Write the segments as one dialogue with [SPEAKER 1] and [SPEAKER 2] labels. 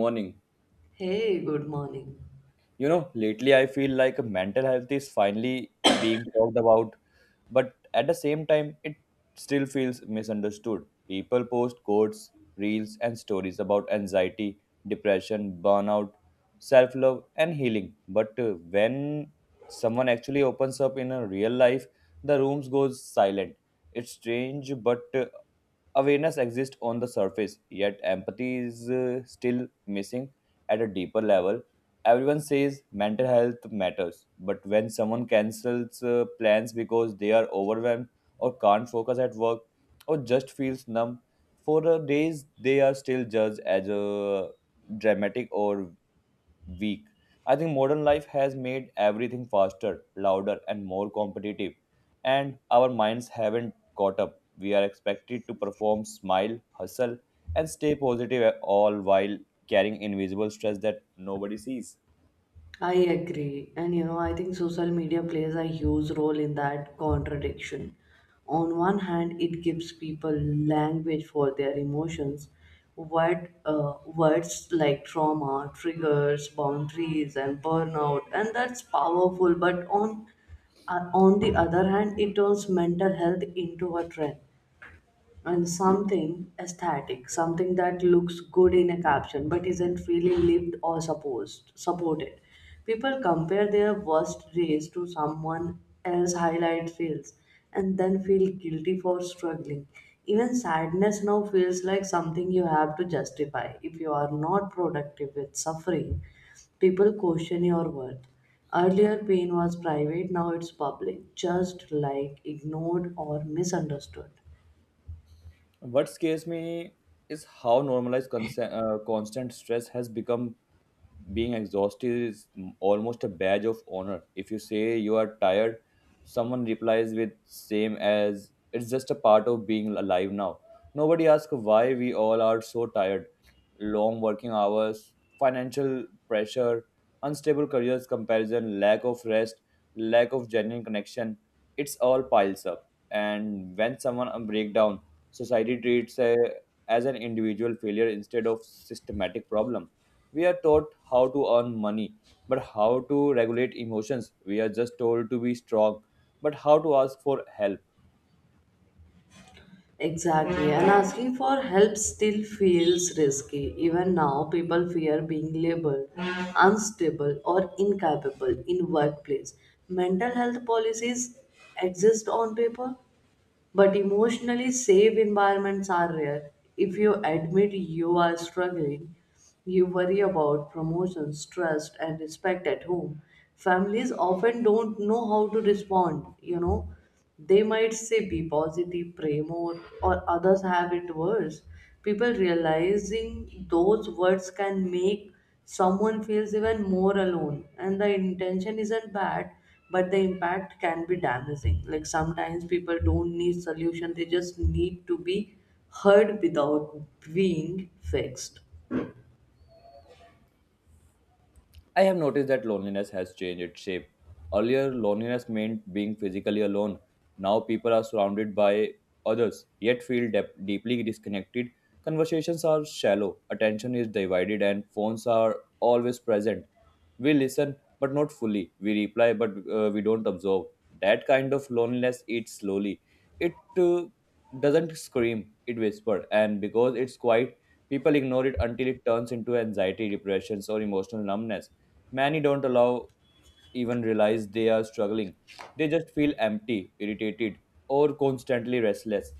[SPEAKER 1] Morning.
[SPEAKER 2] Hey, good morning.
[SPEAKER 1] You know, lately I feel like mental health is finally being talked about, but at the same time, it still feels misunderstood. People post quotes, reels, and stories about anxiety, depression, burnout, self love, and healing. But when someone actually opens up in a real life, the rooms goes silent. It's strange, but awareness exists on the surface, yet empathy is still missing at a deeper level. Everyone says mental health matters, but when someone cancels plans because they are overwhelmed or can't focus at work or just feels numb for the days, they are still judged as a dramatic or weak. I think modern life has made everything faster, louder, and more competitive, and our minds haven't caught up. We are expected to perform, smile, hustle, and stay positive all while carrying invisible stress that nobody sees.
[SPEAKER 2] I agree. And you know, I think social media plays a huge role in that contradiction. On one hand, it gives people language for their emotions, what words like trauma, triggers, boundaries, and burnout, and that's powerful. But on the other hand, it turns mental health into a trend and something aesthetic, something that looks good in a caption but isn't really lived or supposed supported. People compare their worst days to someone else's highlight reels and then feel guilty for struggling. Even sadness now feels like something you have to justify. If you are not productive with suffering, people question your worth. Earlier, pain was private, now it's public, just like ignored or misunderstood.
[SPEAKER 1] What scares me is how normalized constant stress has become. Being exhausted is almost a badge of honor. If you say you are tired, someone replies with same as it's just a part of being alive now. Nobody asks why we all are so tired. Long working hours, financial pressure, unstable careers comparison, lack of rest, lack of genuine connection. It's all piles up. And when someone break down, society treats a, as an individual failure instead of systematic problem. We are taught how to earn money, but how to regulate emotions. We are just told to be strong, but how to ask for help.
[SPEAKER 2] Exactly, and asking for help still feels risky. Even now, people fear being labeled unstable or incapable in workplace. Mental health policies exist on paper, but emotionally safe environments are rare. If you admit you are struggling, you worry about promotions, trust, and respect at home. Families often don't know how to respond, you know. They might say be positive, pray more, or others have it worse. People realizing those words can make someone feels even more alone, and the intention isn't bad, but the impact can be damaging. Like sometimes people don't need solution, they just need to be heard without being fixed.
[SPEAKER 1] I have noticed that loneliness has changed its shape. Earlier, loneliness meant being physically alone. Now, people are surrounded by others, yet feel dep deeply disconnected. Conversations are shallow, attention is divided, and phones are always present. We listen, but not fully. We reply, but we don't absorb. That kind of loneliness eats slowly. It doesn't scream, it whispers, and because it's quiet, people ignore it until it turns into anxiety, depressions, or emotional numbness. Many don't allow even realize they are struggling. They just feel empty, irritated, or constantly restless.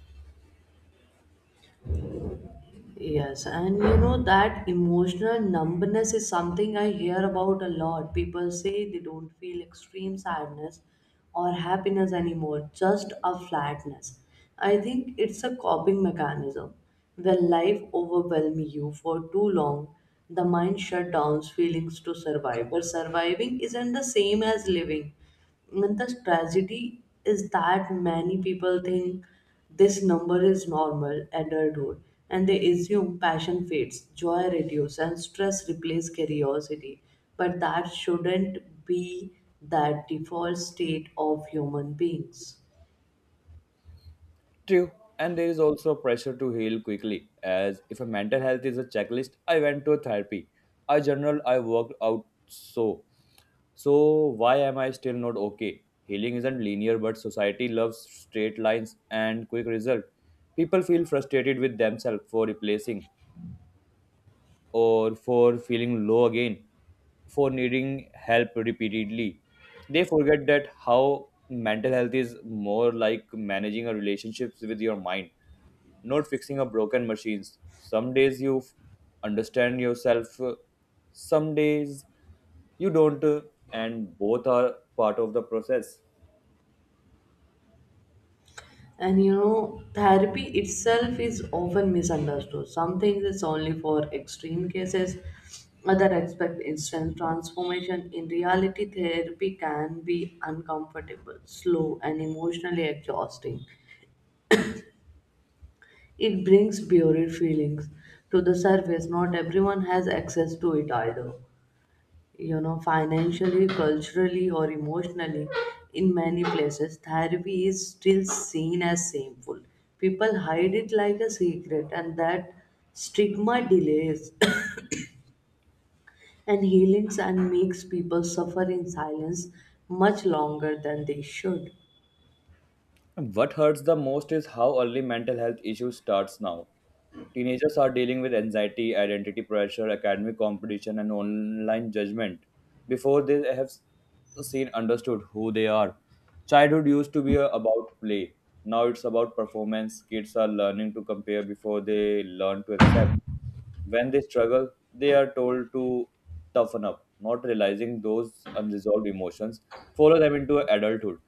[SPEAKER 2] Yes, and you know that emotional numbness is something I hear about a lot. People say they don't feel extreme sadness or happiness anymore, just a flatness. I think it's a coping mechanism. When life overwhelms you for too long, the mind shuts down feelings to survive. But surviving isn't the same as living. And the tragedy is that many people think this number is normal adulthood and they assume passion fades, joy reduces, and stress replaces curiosity. But that shouldn't be the default state of human beings.
[SPEAKER 1] True. And there is also pressure to heal quickly, as if a mental health is a checklist. I went to a therapy. I journal, I worked out so. So why am I still not okay? Healing isn't linear, but society loves straight lines and quick result. People feel frustrated with themselves for replacing or for feeling low again, for needing help repeatedly. They forget that how mental health is more like managing a relationships with your mind, not fixing a broken machines. Some days understand yourself, some days you don't, and both are part of the process.
[SPEAKER 2] And you know, therapy itself is often misunderstood. Some things it's only for extreme cases, others expect instant transformation. In reality, therapy can be uncomfortable, slow, and emotionally exhausting. It brings buried feelings to the surface. Not everyone has access to it either, you know, financially, culturally, or emotionally. In many places therapy is still seen as shameful. People hide it like a secret, and that stigma delays and healings and makes people suffer in silence much longer than they should.
[SPEAKER 1] What hurts the most is how early mental health issues starts now. Teenagers are dealing with anxiety, identity pressure, academic competition, and online judgment before they seen understood who they are. Childhood used to be about play. Now it's about performance. Kids are learning to compare before they learn to accept. When they struggle, they are told to toughen up, not realizing those unresolved emotions follow them into adulthood.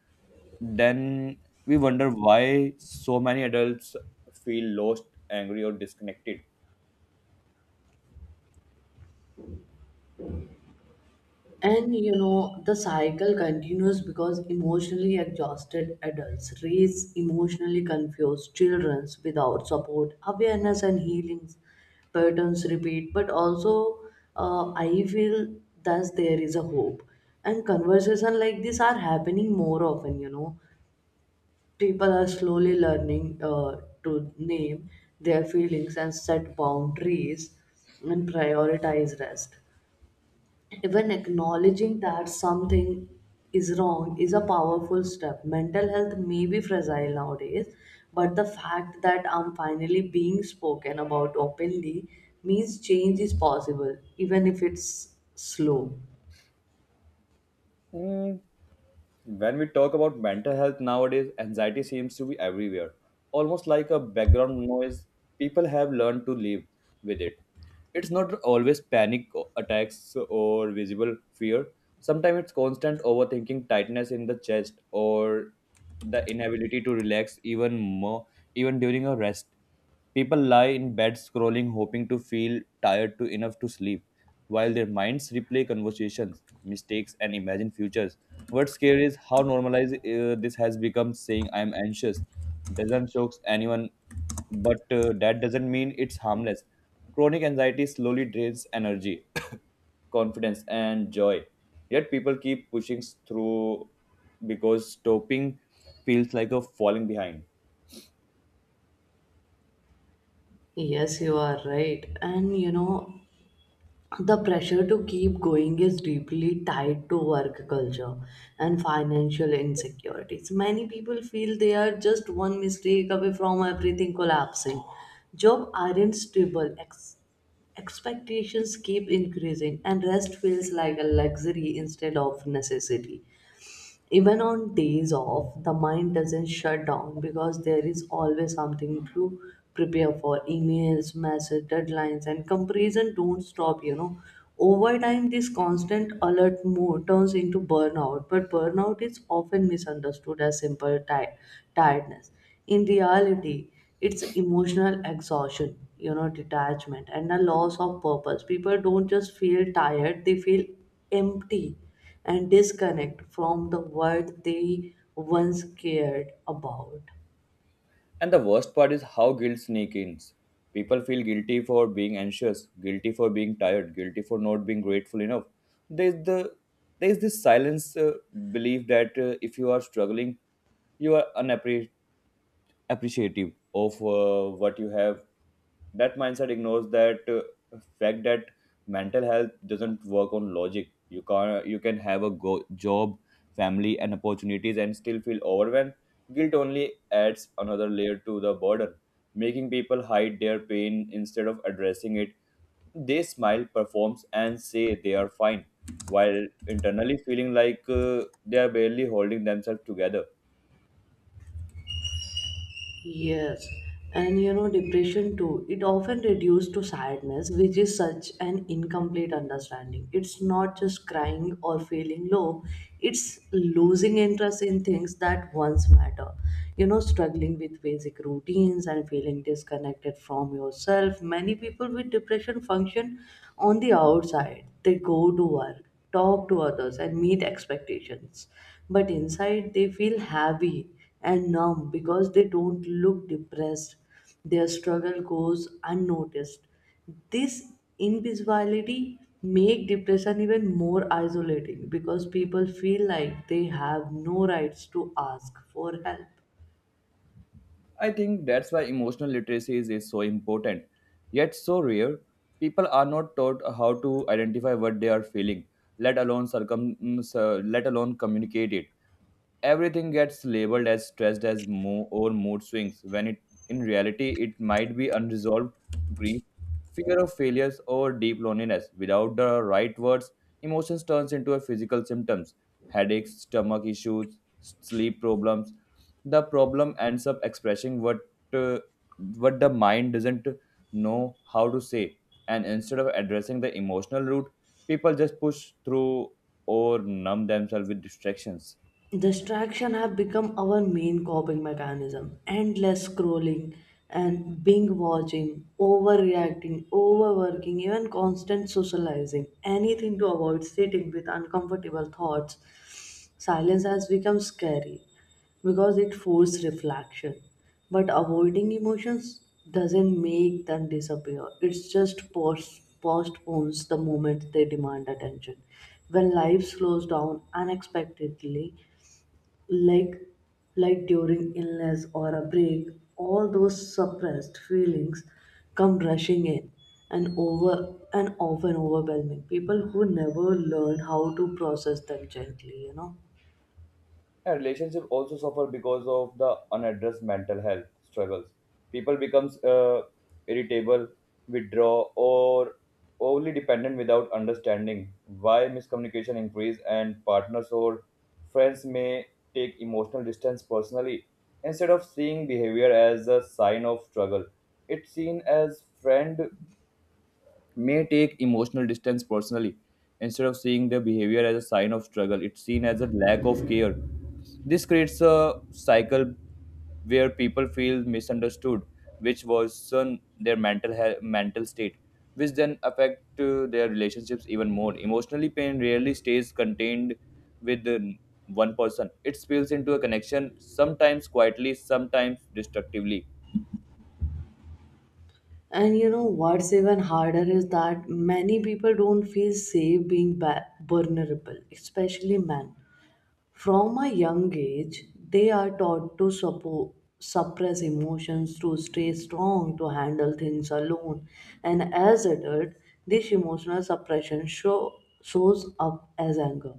[SPEAKER 1] Then we wonder why so many adults feel lost, angry, or disconnected.
[SPEAKER 2] And you know, the cycle continues because emotionally exhausted adults raise emotionally confused children without support, awareness, and healings. Patterns repeat, but also I feel thus there is a hope. And conversation like this are happening more often, you know. People are slowly learning to name their feelings and set boundaries and prioritize rest. Even acknowledging that something is wrong is a powerful step. Mental health may be fragile nowadays, but the fact that I'm finally being spoken about openly means change is possible, even if it's slow.
[SPEAKER 1] Mm, When we talk about mental health nowadays, anxiety seems to be everywhere, almost like a background noise. People have learned to live with it. It's not always panic attacks or visible fear. Sometimes it's constant overthinking, tightness in the chest, or the inability to relax even more, even during a rest. People lie in bed scrolling, hoping to feel tired to enough to sleep, while their minds replay conversations, mistakes, and imagine futures. What's scary is how normalized this has become. Saying "I'm anxious" doesn't shock anyone, but that doesn't mean it's harmless. Chronic anxiety slowly drains energy, confidence, and joy. Yet people keep pushing through because stopping feels like a falling behind.
[SPEAKER 2] Yes, you are right. And you know, the pressure to keep going is deeply tied to work culture and financial insecurities. Many people feel they are just one mistake away from everything collapsing. Job aren't stable, expectations keep increasing, and rest feels like a luxury instead of necessity. Even on days off the mind doesn't shut down because there is always something to prepare for. Emails, message, deadlines, and comparison don't stop, you know. Over time this constant alert mode turns into burnout, but burnout is often misunderstood as simple tiredness. In reality it's emotional exhaustion, you know, detachment and a loss of purpose. People don't just feel tired, they feel empty and disconnect from the world they once cared about.
[SPEAKER 1] And the worst part is how guilt sneaks in. People feel guilty for being anxious, guilty for being tired, guilty for not being grateful enough. There's the there's this silence belief that if you are struggling, you are appreciative of what you have. That mindset ignores that fact that mental health doesn't work on logic. You can have a job, family and opportunities and still feel overwhelmed. Guilt only adds another layer to the burden, making people hide their pain instead of addressing it. They smile performs and say they are fine while internally feeling like they are barely holding themselves together.
[SPEAKER 2] Yes, and you know, depression too, it often reduced to sadness, which is such an incomplete understanding. It's not just crying or feeling low, it's losing interest in things that once matter. You know, struggling with basic routines and feeling disconnected from yourself. Many people with depression function on the outside, they go to work, talk to others, and meet expectations. But inside, they feel heavy and numb because they don't look depressed. Their struggle goes unnoticed. This invisibility make depression even more isolating because people feel like they have no rights to ask for help.
[SPEAKER 1] I think that's why emotional literacy is so important, yet so rare. People are not taught how to identify what they are feeling, let alone let alone communicate it. Everything gets labeled as stressed as or mood swings, when it in reality it might be unresolved grief, fear of failures or deep loneliness. Without the right words, emotions turns into a physical symptoms: headaches, stomach issues, sleep problems. The problem ends up expressing uh, what the mind doesn't know how to say, and instead of addressing the emotional root, people just push through or numb themselves with distractions.
[SPEAKER 2] Distraction have become our main coping mechanism. Endless scrolling and being watching, overreacting, overworking, even constant socializing. Anything to avoid sitting with uncomfortable thoughts. Silence has become scary because it forces reflection. But avoiding emotions doesn't make them disappear. It's just postpones the moment they demand attention. When life slows down unexpectedly, like like during illness or a break, all those suppressed feelings come rushing in and over and often overwhelming people who never learn how to process them gently, you know.
[SPEAKER 1] Yeah, relationship also suffer because of the unaddressed mental health struggles. People becomes irritable, withdraw, or overly dependent without understanding why. Miscommunication increase and partners or friends may take emotional distance personally instead of seeing behavior as a sign of struggle. It's seen as friend may take emotional distance personally. Instead of seeing their behavior as a sign of struggle, it's seen as a lack of care. This creates a cycle where people feel misunderstood, which worsen their mental health, mental state, which then affect their relationships even more. Emotionally, pain rarely stays contained with one person. It spills into a connection, sometimes quietly, sometimes destructively.
[SPEAKER 2] And you know what's even harder is that many people don't feel safe being vulnerable, especially men. From a young age, they are taught to suppress emotions, to stay strong, to handle things alone. And as adult, this emotional suppression shows up as anger,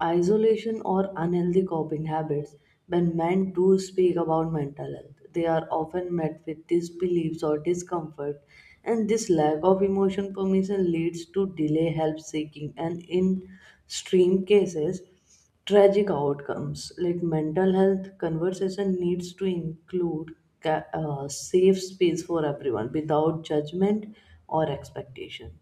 [SPEAKER 2] isolation, or unhealthy coping habits. When men do speak about mental health, they are often met with disbeliefs or discomfort, and this lack of emotion permission leads to delay help seeking and, in extreme cases, tragic outcomes. Like mental health conversation needs to include safe space for everyone without judgment or expectation.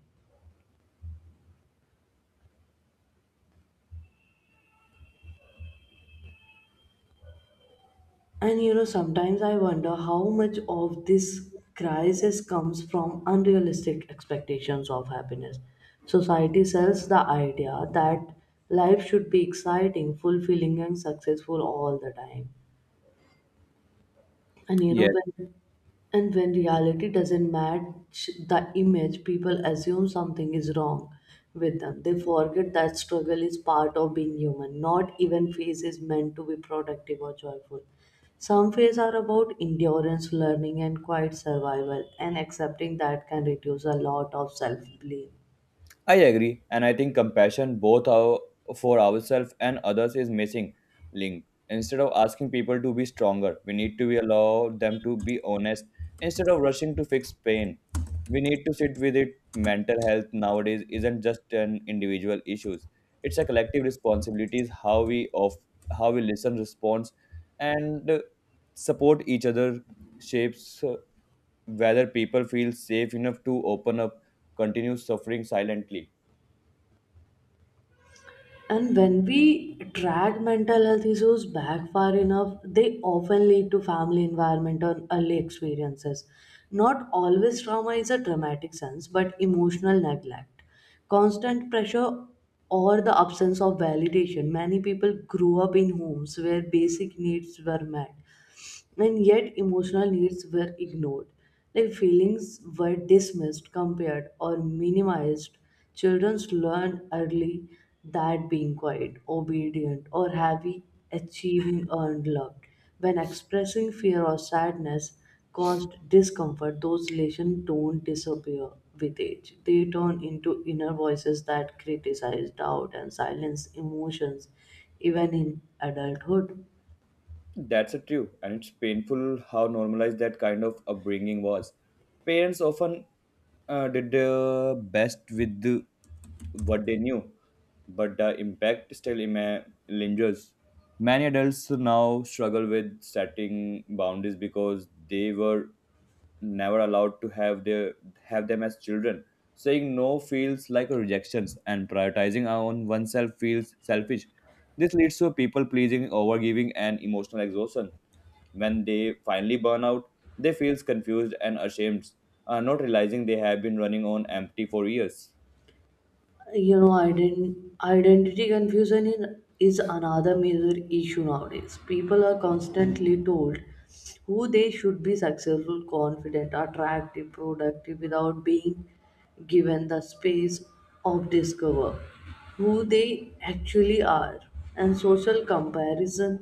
[SPEAKER 2] And you know, sometimes I wonder how much of this crisis comes from unrealistic expectations of happiness. Society sells the idea that life should be exciting, fulfilling, and successful all the time. and you know
[SPEAKER 1] Yes.
[SPEAKER 2] when and when reality doesn't match the image, people assume something is wrong with them. They forget that struggle is part of being human. Not even phase is meant to be productive or joyful. Some phases are about endurance, learning, and quiet survival, and accepting that can reduce a lot of self blame.
[SPEAKER 1] I agree, and I think compassion for ourselves and others is missing link. Instead of asking people to be stronger, we need to be allow them to be honest. Instead of rushing to fix pain, we need to sit with it. Mental health nowadays isn't just an individual issues; it's a collective responsibility. Is how we listen, respond, and support each other shapes whether people feel safe enough to open up, continue suffering silently.
[SPEAKER 2] And when we drag mental health issues back far enough, they often lead to family environment or early experiences. Not always trauma is a dramatic sense, but emotional neglect, constant pressure, or the absence of validation. Many people grew up in homes where basic needs were met and yet emotional needs were ignored. Like feelings were dismissed, compared, or minimized. Children learn early that being quiet, obedient, or happy, achieving earned love. When expressing fear or sadness caused discomfort, those relations don't disappear with age. They turn into inner voices that criticize, doubt, and silence emotions, even in adulthood.
[SPEAKER 1] That's a true, and it's painful how normalized that kind of upbringing was. Parents often did their best with the, what they knew, but the impact still lingers. Many adults now struggle with setting boundaries because they were never allowed to have them as children. Saying no feels like a rejections, and prioritizing our own oneself feels selfish. This leads to people pleasing, overgiving, and emotional exhaustion. When they finally burn out, they feel confused and ashamed, not realizing they have been running on empty for years.
[SPEAKER 2] You know identity confusion is another major issue nowadays. People are constantly told who they should be, successful, confident, attractive, productive, without being given the space of discover who they actually are. And social comparison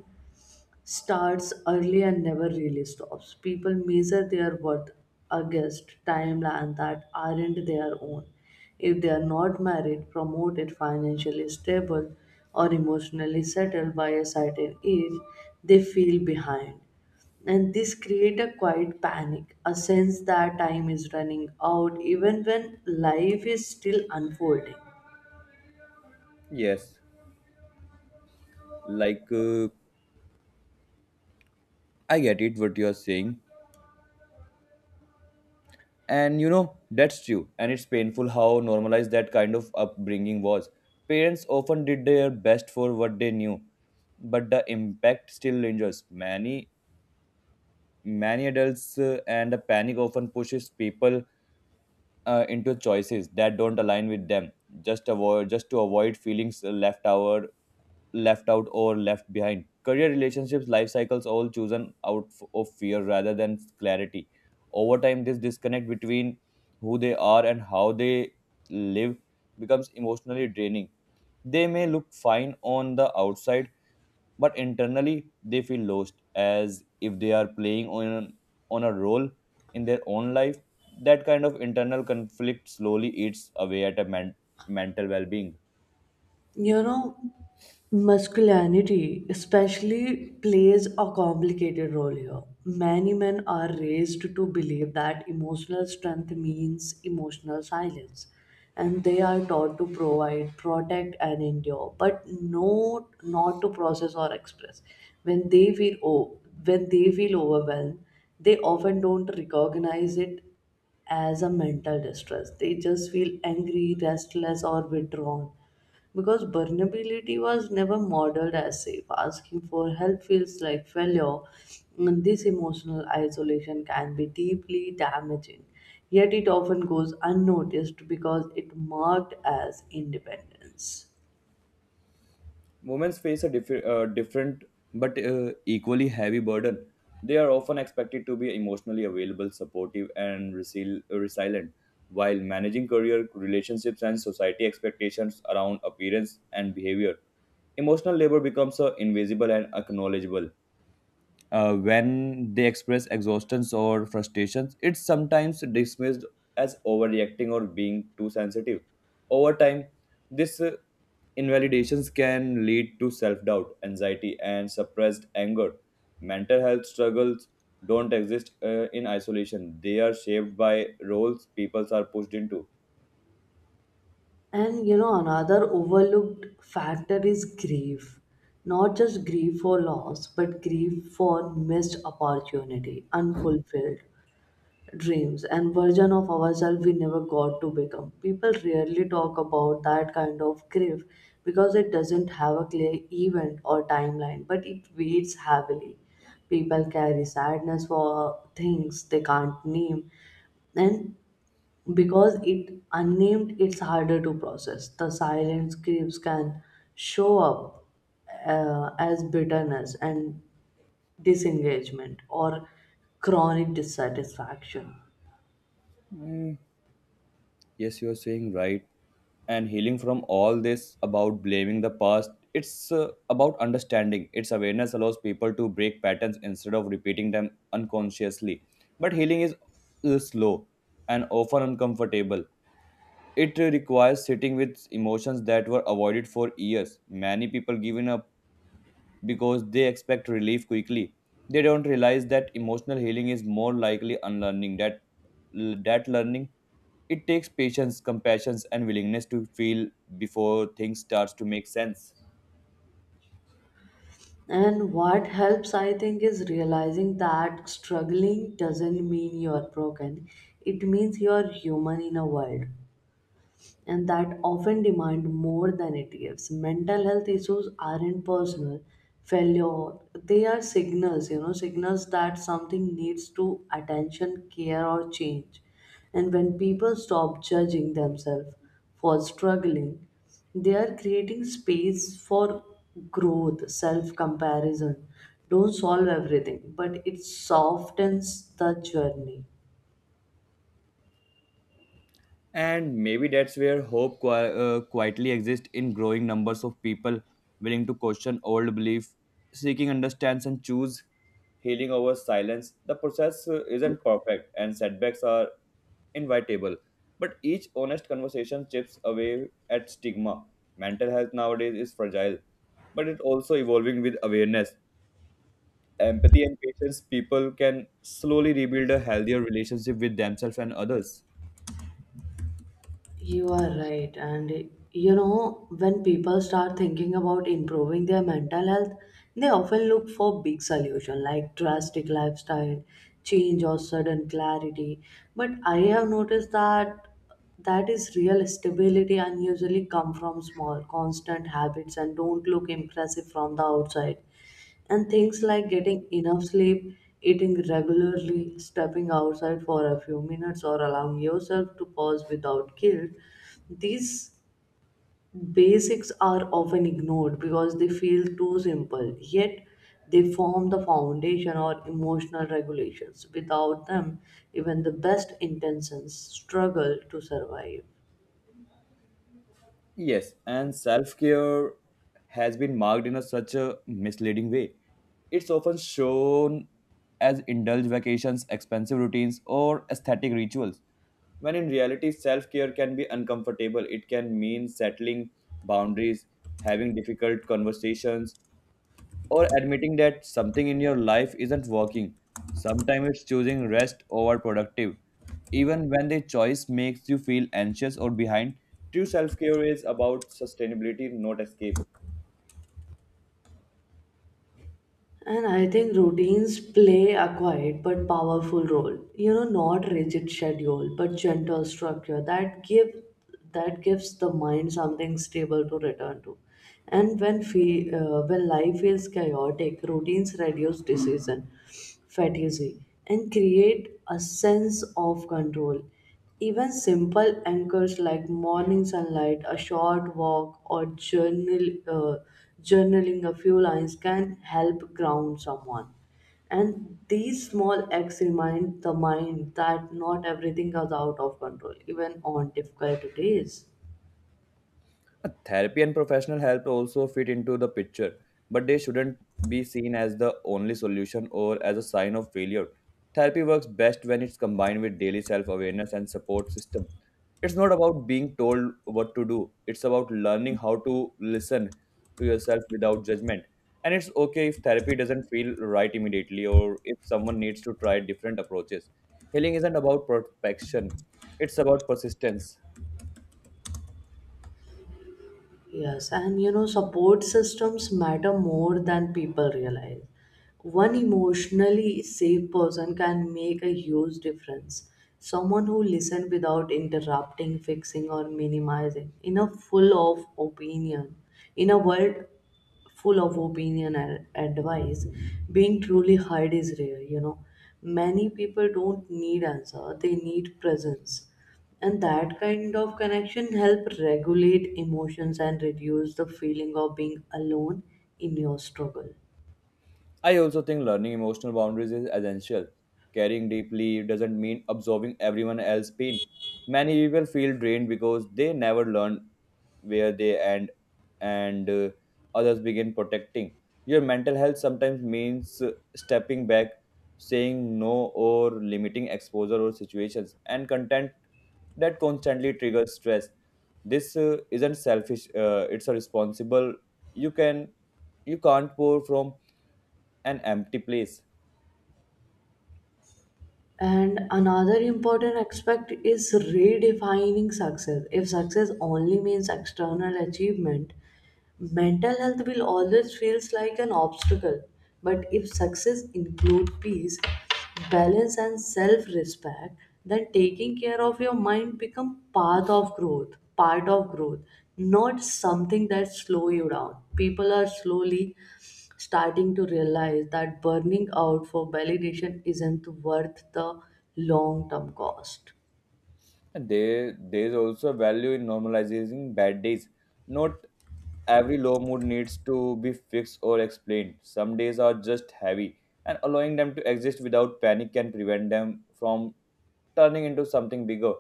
[SPEAKER 2] starts early and never really stops. People measure their worth against timelines that aren't their own. If they are not married, promoted, financially stable, or emotionally settled by a certain age, they feel behind. And this creates a quiet panic, a sense that time is running out even when life is still unfolding.
[SPEAKER 1] Yes, like I get it what you're saying. And you know, that's true. And it's painful how normalized that kind of upbringing was. Parents often did their best for what they knew, but the impact still lingers. Many adults and the panic often pushes people into choices that don't align with them just to avoid feelings left out or left behind. Career, relationships, life cycles, all chosen out of fear rather than clarity. Over time this disconnect between who they are and how they live becomes emotionally draining. They may look fine on the outside, but internally they feel lost, as if they are playing on a role in their own life. That kind of internal conflict slowly eats away at a man' mental well-being.
[SPEAKER 2] You know, masculinity especially plays a complicated role here. Many men are raised to believe that emotional strength means emotional silence, and they are taught to provide, protect, and endure, but no, not to process or express. When they feel overwhelmed, they often don't recognize it as a mental distress. They just feel angry, restless, or withdrawn because vulnerability was never modeled as safe. Asking for help feels like failure, and this emotional isolation can be deeply damaging. Yet it often goes unnoticed because it marked as independence.
[SPEAKER 1] Women face a different but equally heavy burden. They are often expected to be emotionally available, supportive and resilient while managing career, relationships and society expectations around appearance and behavior. Emotional labor becomes invisible and acknowledgeable. When they express exhaustions or frustrations, it's sometimes dismissed as overreacting or being too sensitive. Over time, this invalidations can lead to self-doubt, anxiety, and suppressed anger. Mental health struggles don't exist in isolation; they are shaped by roles people are pushed into.
[SPEAKER 2] And you know, another overlooked factor is grief. Not just grief for loss, but grief for missed opportunity, unfulfilled dreams and version of ourselves we never got to become. People rarely talk about that kind of grief because it doesn't have a clear event or timeline, but it weighs heavily. People carry sadness for things they can't name, and because it unnamed, it's harder to process. The silent griefs can show up as bitterness and disengagement or chronic dissatisfaction.
[SPEAKER 1] Yes, you are saying right. And healing from all this about blaming the past, it's about understanding. Its awareness allows people to break patterns instead of repeating them unconsciously. But healing is slow and often uncomfortable. It requires sitting with emotions that were avoided for years. Many people give in up because they expect relief quickly. They don't realize that emotional healing is more likely unlearning that learning. It takes patience, compassion and willingness to feel before things starts to make sense.
[SPEAKER 2] And what helps, I think, is realizing that struggling doesn't mean you're broken. It means you're human in a world and that often demand more than it gives. Mental health issues aren't personal failure. They are signals, you know, signals that something needs to attention, care or change. And when people stop judging themselves for struggling, they are creating space for growth, self comparison. Don't solve everything, but it softens the journey.
[SPEAKER 1] And maybe that's where hope quietly exists in growing numbers of people willing to question old belief, seeking understanding and choose healing over silence. The process isn't perfect and setbacks are invitable, but each honest conversation chips away at stigma. Mental health nowadays is fragile, but it's also evolving with awareness, empathy, and patience. People can slowly rebuild a healthier relationship with themselves and others.
[SPEAKER 2] You are right. And you know, when people start thinking about improving their mental health, they often look for big solution like drastic lifestyle change or sudden clarity. But I have noticed that is real stability and usually come from small constant habits and don't look impressive from the outside and things like getting enough sleep, eating regularly, stepping outside for a few minutes, or allowing yourself to pause without guilt, these basics are often ignored because they feel too simple. Yet, they form the foundation or emotional regulations. Without them, even the best intentions struggle to survive.
[SPEAKER 1] Yes, and self care has been marked in a, such a misleading way. It's often shown as indulge vacations, expensive routines, or aesthetic rituals. When in reality, self care can be uncomfortable. It can mean settling boundaries, having difficult conversations, or admitting that something in your life isn't working. Sometimes it's choosing rest over productive. Even when the choice makes you feel anxious or behind, true self care is about sustainability, not escape.
[SPEAKER 2] And I think routines play a quiet but powerful role. You know, not rigid schedule, but gentle structure that give that gives the mind something stable to return to. And when when life feels chaotic, routines reduce decision fatigue and create a sense of control. Even simple anchors like morning sunlight, a short walk, or journaling a few lines can help ground someone. And these small acts remind the mind that not everything is out of control, even on difficult days.
[SPEAKER 1] Therapy and professional help also fit into the picture, but they shouldn't be seen as the only solution or as a sign of failure. Therapy works best when it's combined with daily self awareness and support system. It's not about being told what to do, it's about learning how to listen to yourself without judgment. And it's okay if therapy doesn't feel right immediately or if someone needs to try different approaches. Healing isn't about perfection, it's about persistence.
[SPEAKER 2] Yes, and you know, support systems matter more than people realize. One emotionally safe person can make a huge difference. Someone who listens without interrupting, fixing, or minimizing, in a world full of opinion and advice, being truly heard is rare. You know, many people don't need answer; they need presence. And that kind of connection help regulate emotions and reduce the feeling of being alone in your struggle.
[SPEAKER 1] I also think learning emotional boundaries is essential. Caring deeply doesn't mean absorbing everyone else's pain. Many people feel drained because they never learn where they end and others begin protecting. Your mental health sometimes means stepping back, saying no, or limiting exposure or situations and content that constantly triggers stress. This isn't selfish, it's a responsible. You can you can't pour from an empty place.
[SPEAKER 2] And another important aspect is redefining success. If success only means external achievement, mental health will always feels like an obstacle, but if success include peace, balance and self-respect, then taking care of your mind become part of growth, not something that slow you down. People are slowly starting to realize that burning out for validation isn't worth the long-term cost.
[SPEAKER 1] And there's also value in normalizing bad days. Not every low mood needs to be fixed or explained. Some days are just heavy, and allowing them to exist without panic can prevent them from turning into something bigger.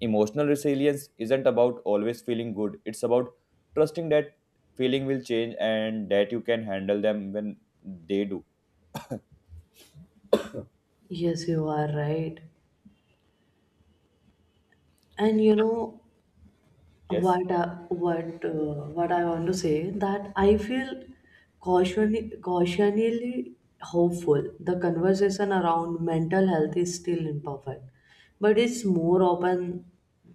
[SPEAKER 1] Emotional resilience isn't about always feeling good, it's about trusting that feeling will change and that you can handle them when they do.
[SPEAKER 2] Yes, you are right. And you know,
[SPEAKER 1] Yes.
[SPEAKER 2] what I want to say that I feel cautiously hopeful. The conversation around mental health is still imperfect, but it's more open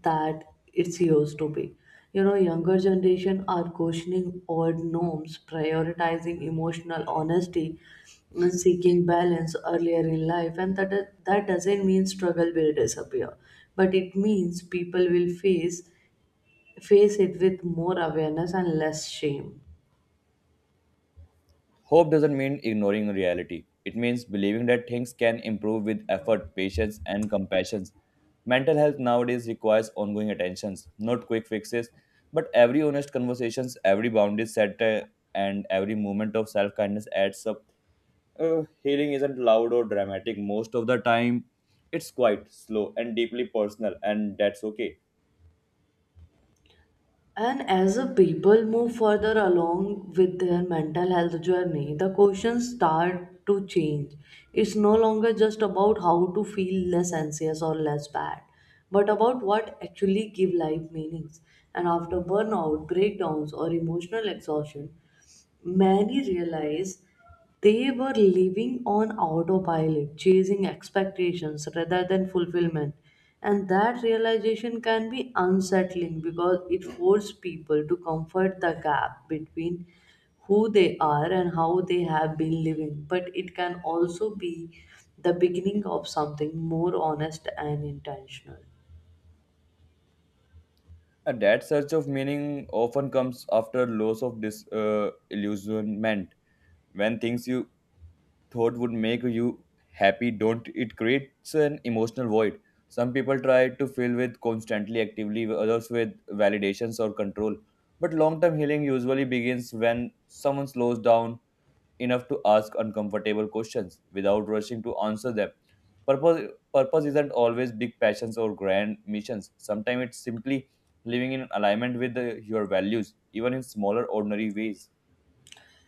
[SPEAKER 2] that it's used to be. You know, younger generation are questioning old norms, prioritizing emotional honesty, and seeking balance earlier in life, and that doesn't mean struggle will disappear, but it means people will face it with more awareness and less shame.
[SPEAKER 1] Hope doesn't mean ignoring reality. It means believing that things can improve with effort, patience, and compassion. Mental health nowadays requires ongoing attentions, not quick fixes, but every honest conversations, every boundary set, and every moment of self-kindness adds up. Healing isn't loud or dramatic most of the time. It's quite slow and deeply personal, and that's okay.
[SPEAKER 2] And as the people move further along with their mental health journey, the questions start to change. It's no longer just about how to feel less anxious or less bad, but about what actually give life meanings. And after burnout, breakdowns, or emotional exhaustion, many realize they were living on autopilot, chasing expectations rather than fulfillment. And that realization can be unsettling because it forces people to comfort the gap between who they are and how they have been living. But it can also be the beginning of something more honest and intentional.
[SPEAKER 1] That search of meaning often comes after loss of disillusionment. Illusionment when things you thought would make you happy don't, it creates an emotional void. Some people try to fill with constantly actively, others with validations or control, but long term healing usually begins when someone slows down enough to ask uncomfortable questions without rushing to answer them. Purpose purpose isn't always big passions or grand missions. Sometimes it's simply living in alignment with your values, even in smaller ordinary ways.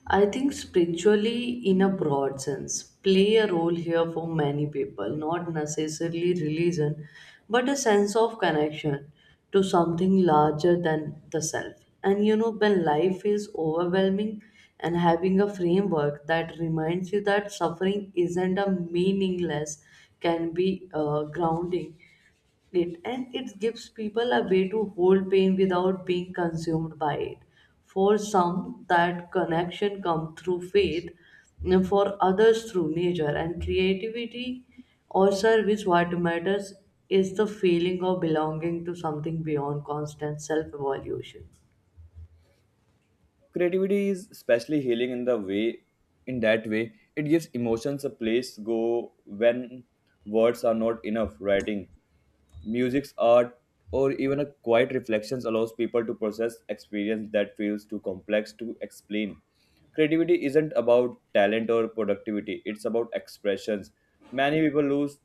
[SPEAKER 2] I think spiritually, in a broad sense, play a role here for many people, not necessarily religion, but a sense of connection to something larger than the self. And you know, when life is overwhelming and having a framework that reminds you that suffering isn't a meaningless, can be grounding it, and it gives people a way to hold pain without being consumed by it. For some, that connection comes through faith, and for others through nature and creativity or service. What matters is the feeling of belonging to something beyond constant self-evaluation.
[SPEAKER 1] Creativity is especially healing in the way in that way. It gives emotions a place to go when words are not enough. Writing, music's art, or even a quiet reflections allows people to process experience that feels too complex to explain. Creativity isn't about talent or productivity, it's about expressions. Many people lose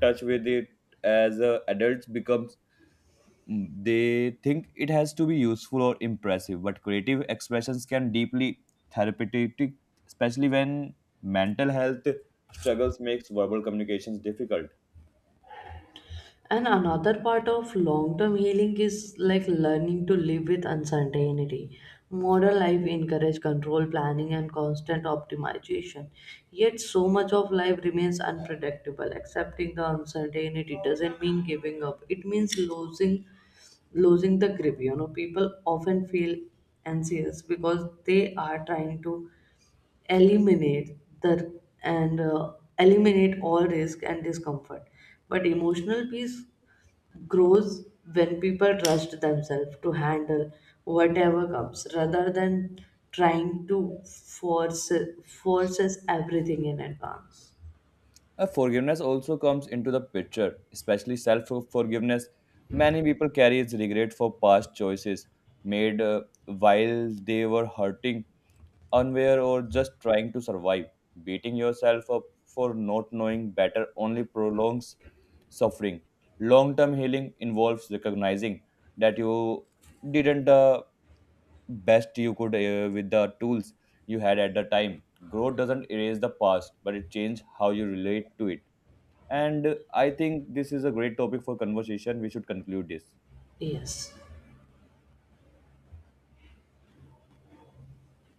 [SPEAKER 1] touch with it as adults become. Mm, they think it has to be useful or impressive, but creative expressions can deeply therapeutic, especially when mental health struggles makes verbal communications difficult.
[SPEAKER 2] And another part of long term healing is like learning to live with uncertainty. Modern life encourages control, planning, and constant optimization. Yet, so much of life remains unpredictable. Accepting the uncertainty doesn't mean giving up, it means losing the grip. You know, people often feel anxious because they are trying to eliminate all risk and discomfort, but emotional peace grows when people trust themselves to handle whatever comes rather than trying to forces everything in advance.
[SPEAKER 1] Forgiveness also comes into the picture, especially self forgiveness. Many people carry regret for past choices made while they were hurting, unaware, or just trying to survive. Beating yourself up for not knowing better only prolongs suffering. Long term healing involves recognizing that you didn't the best you could with the tools you had at the time. Growth doesn't erase the past, but it changes how you relate to it. And I think this is a great topic for conversation. We should conclude this.
[SPEAKER 2] Yes.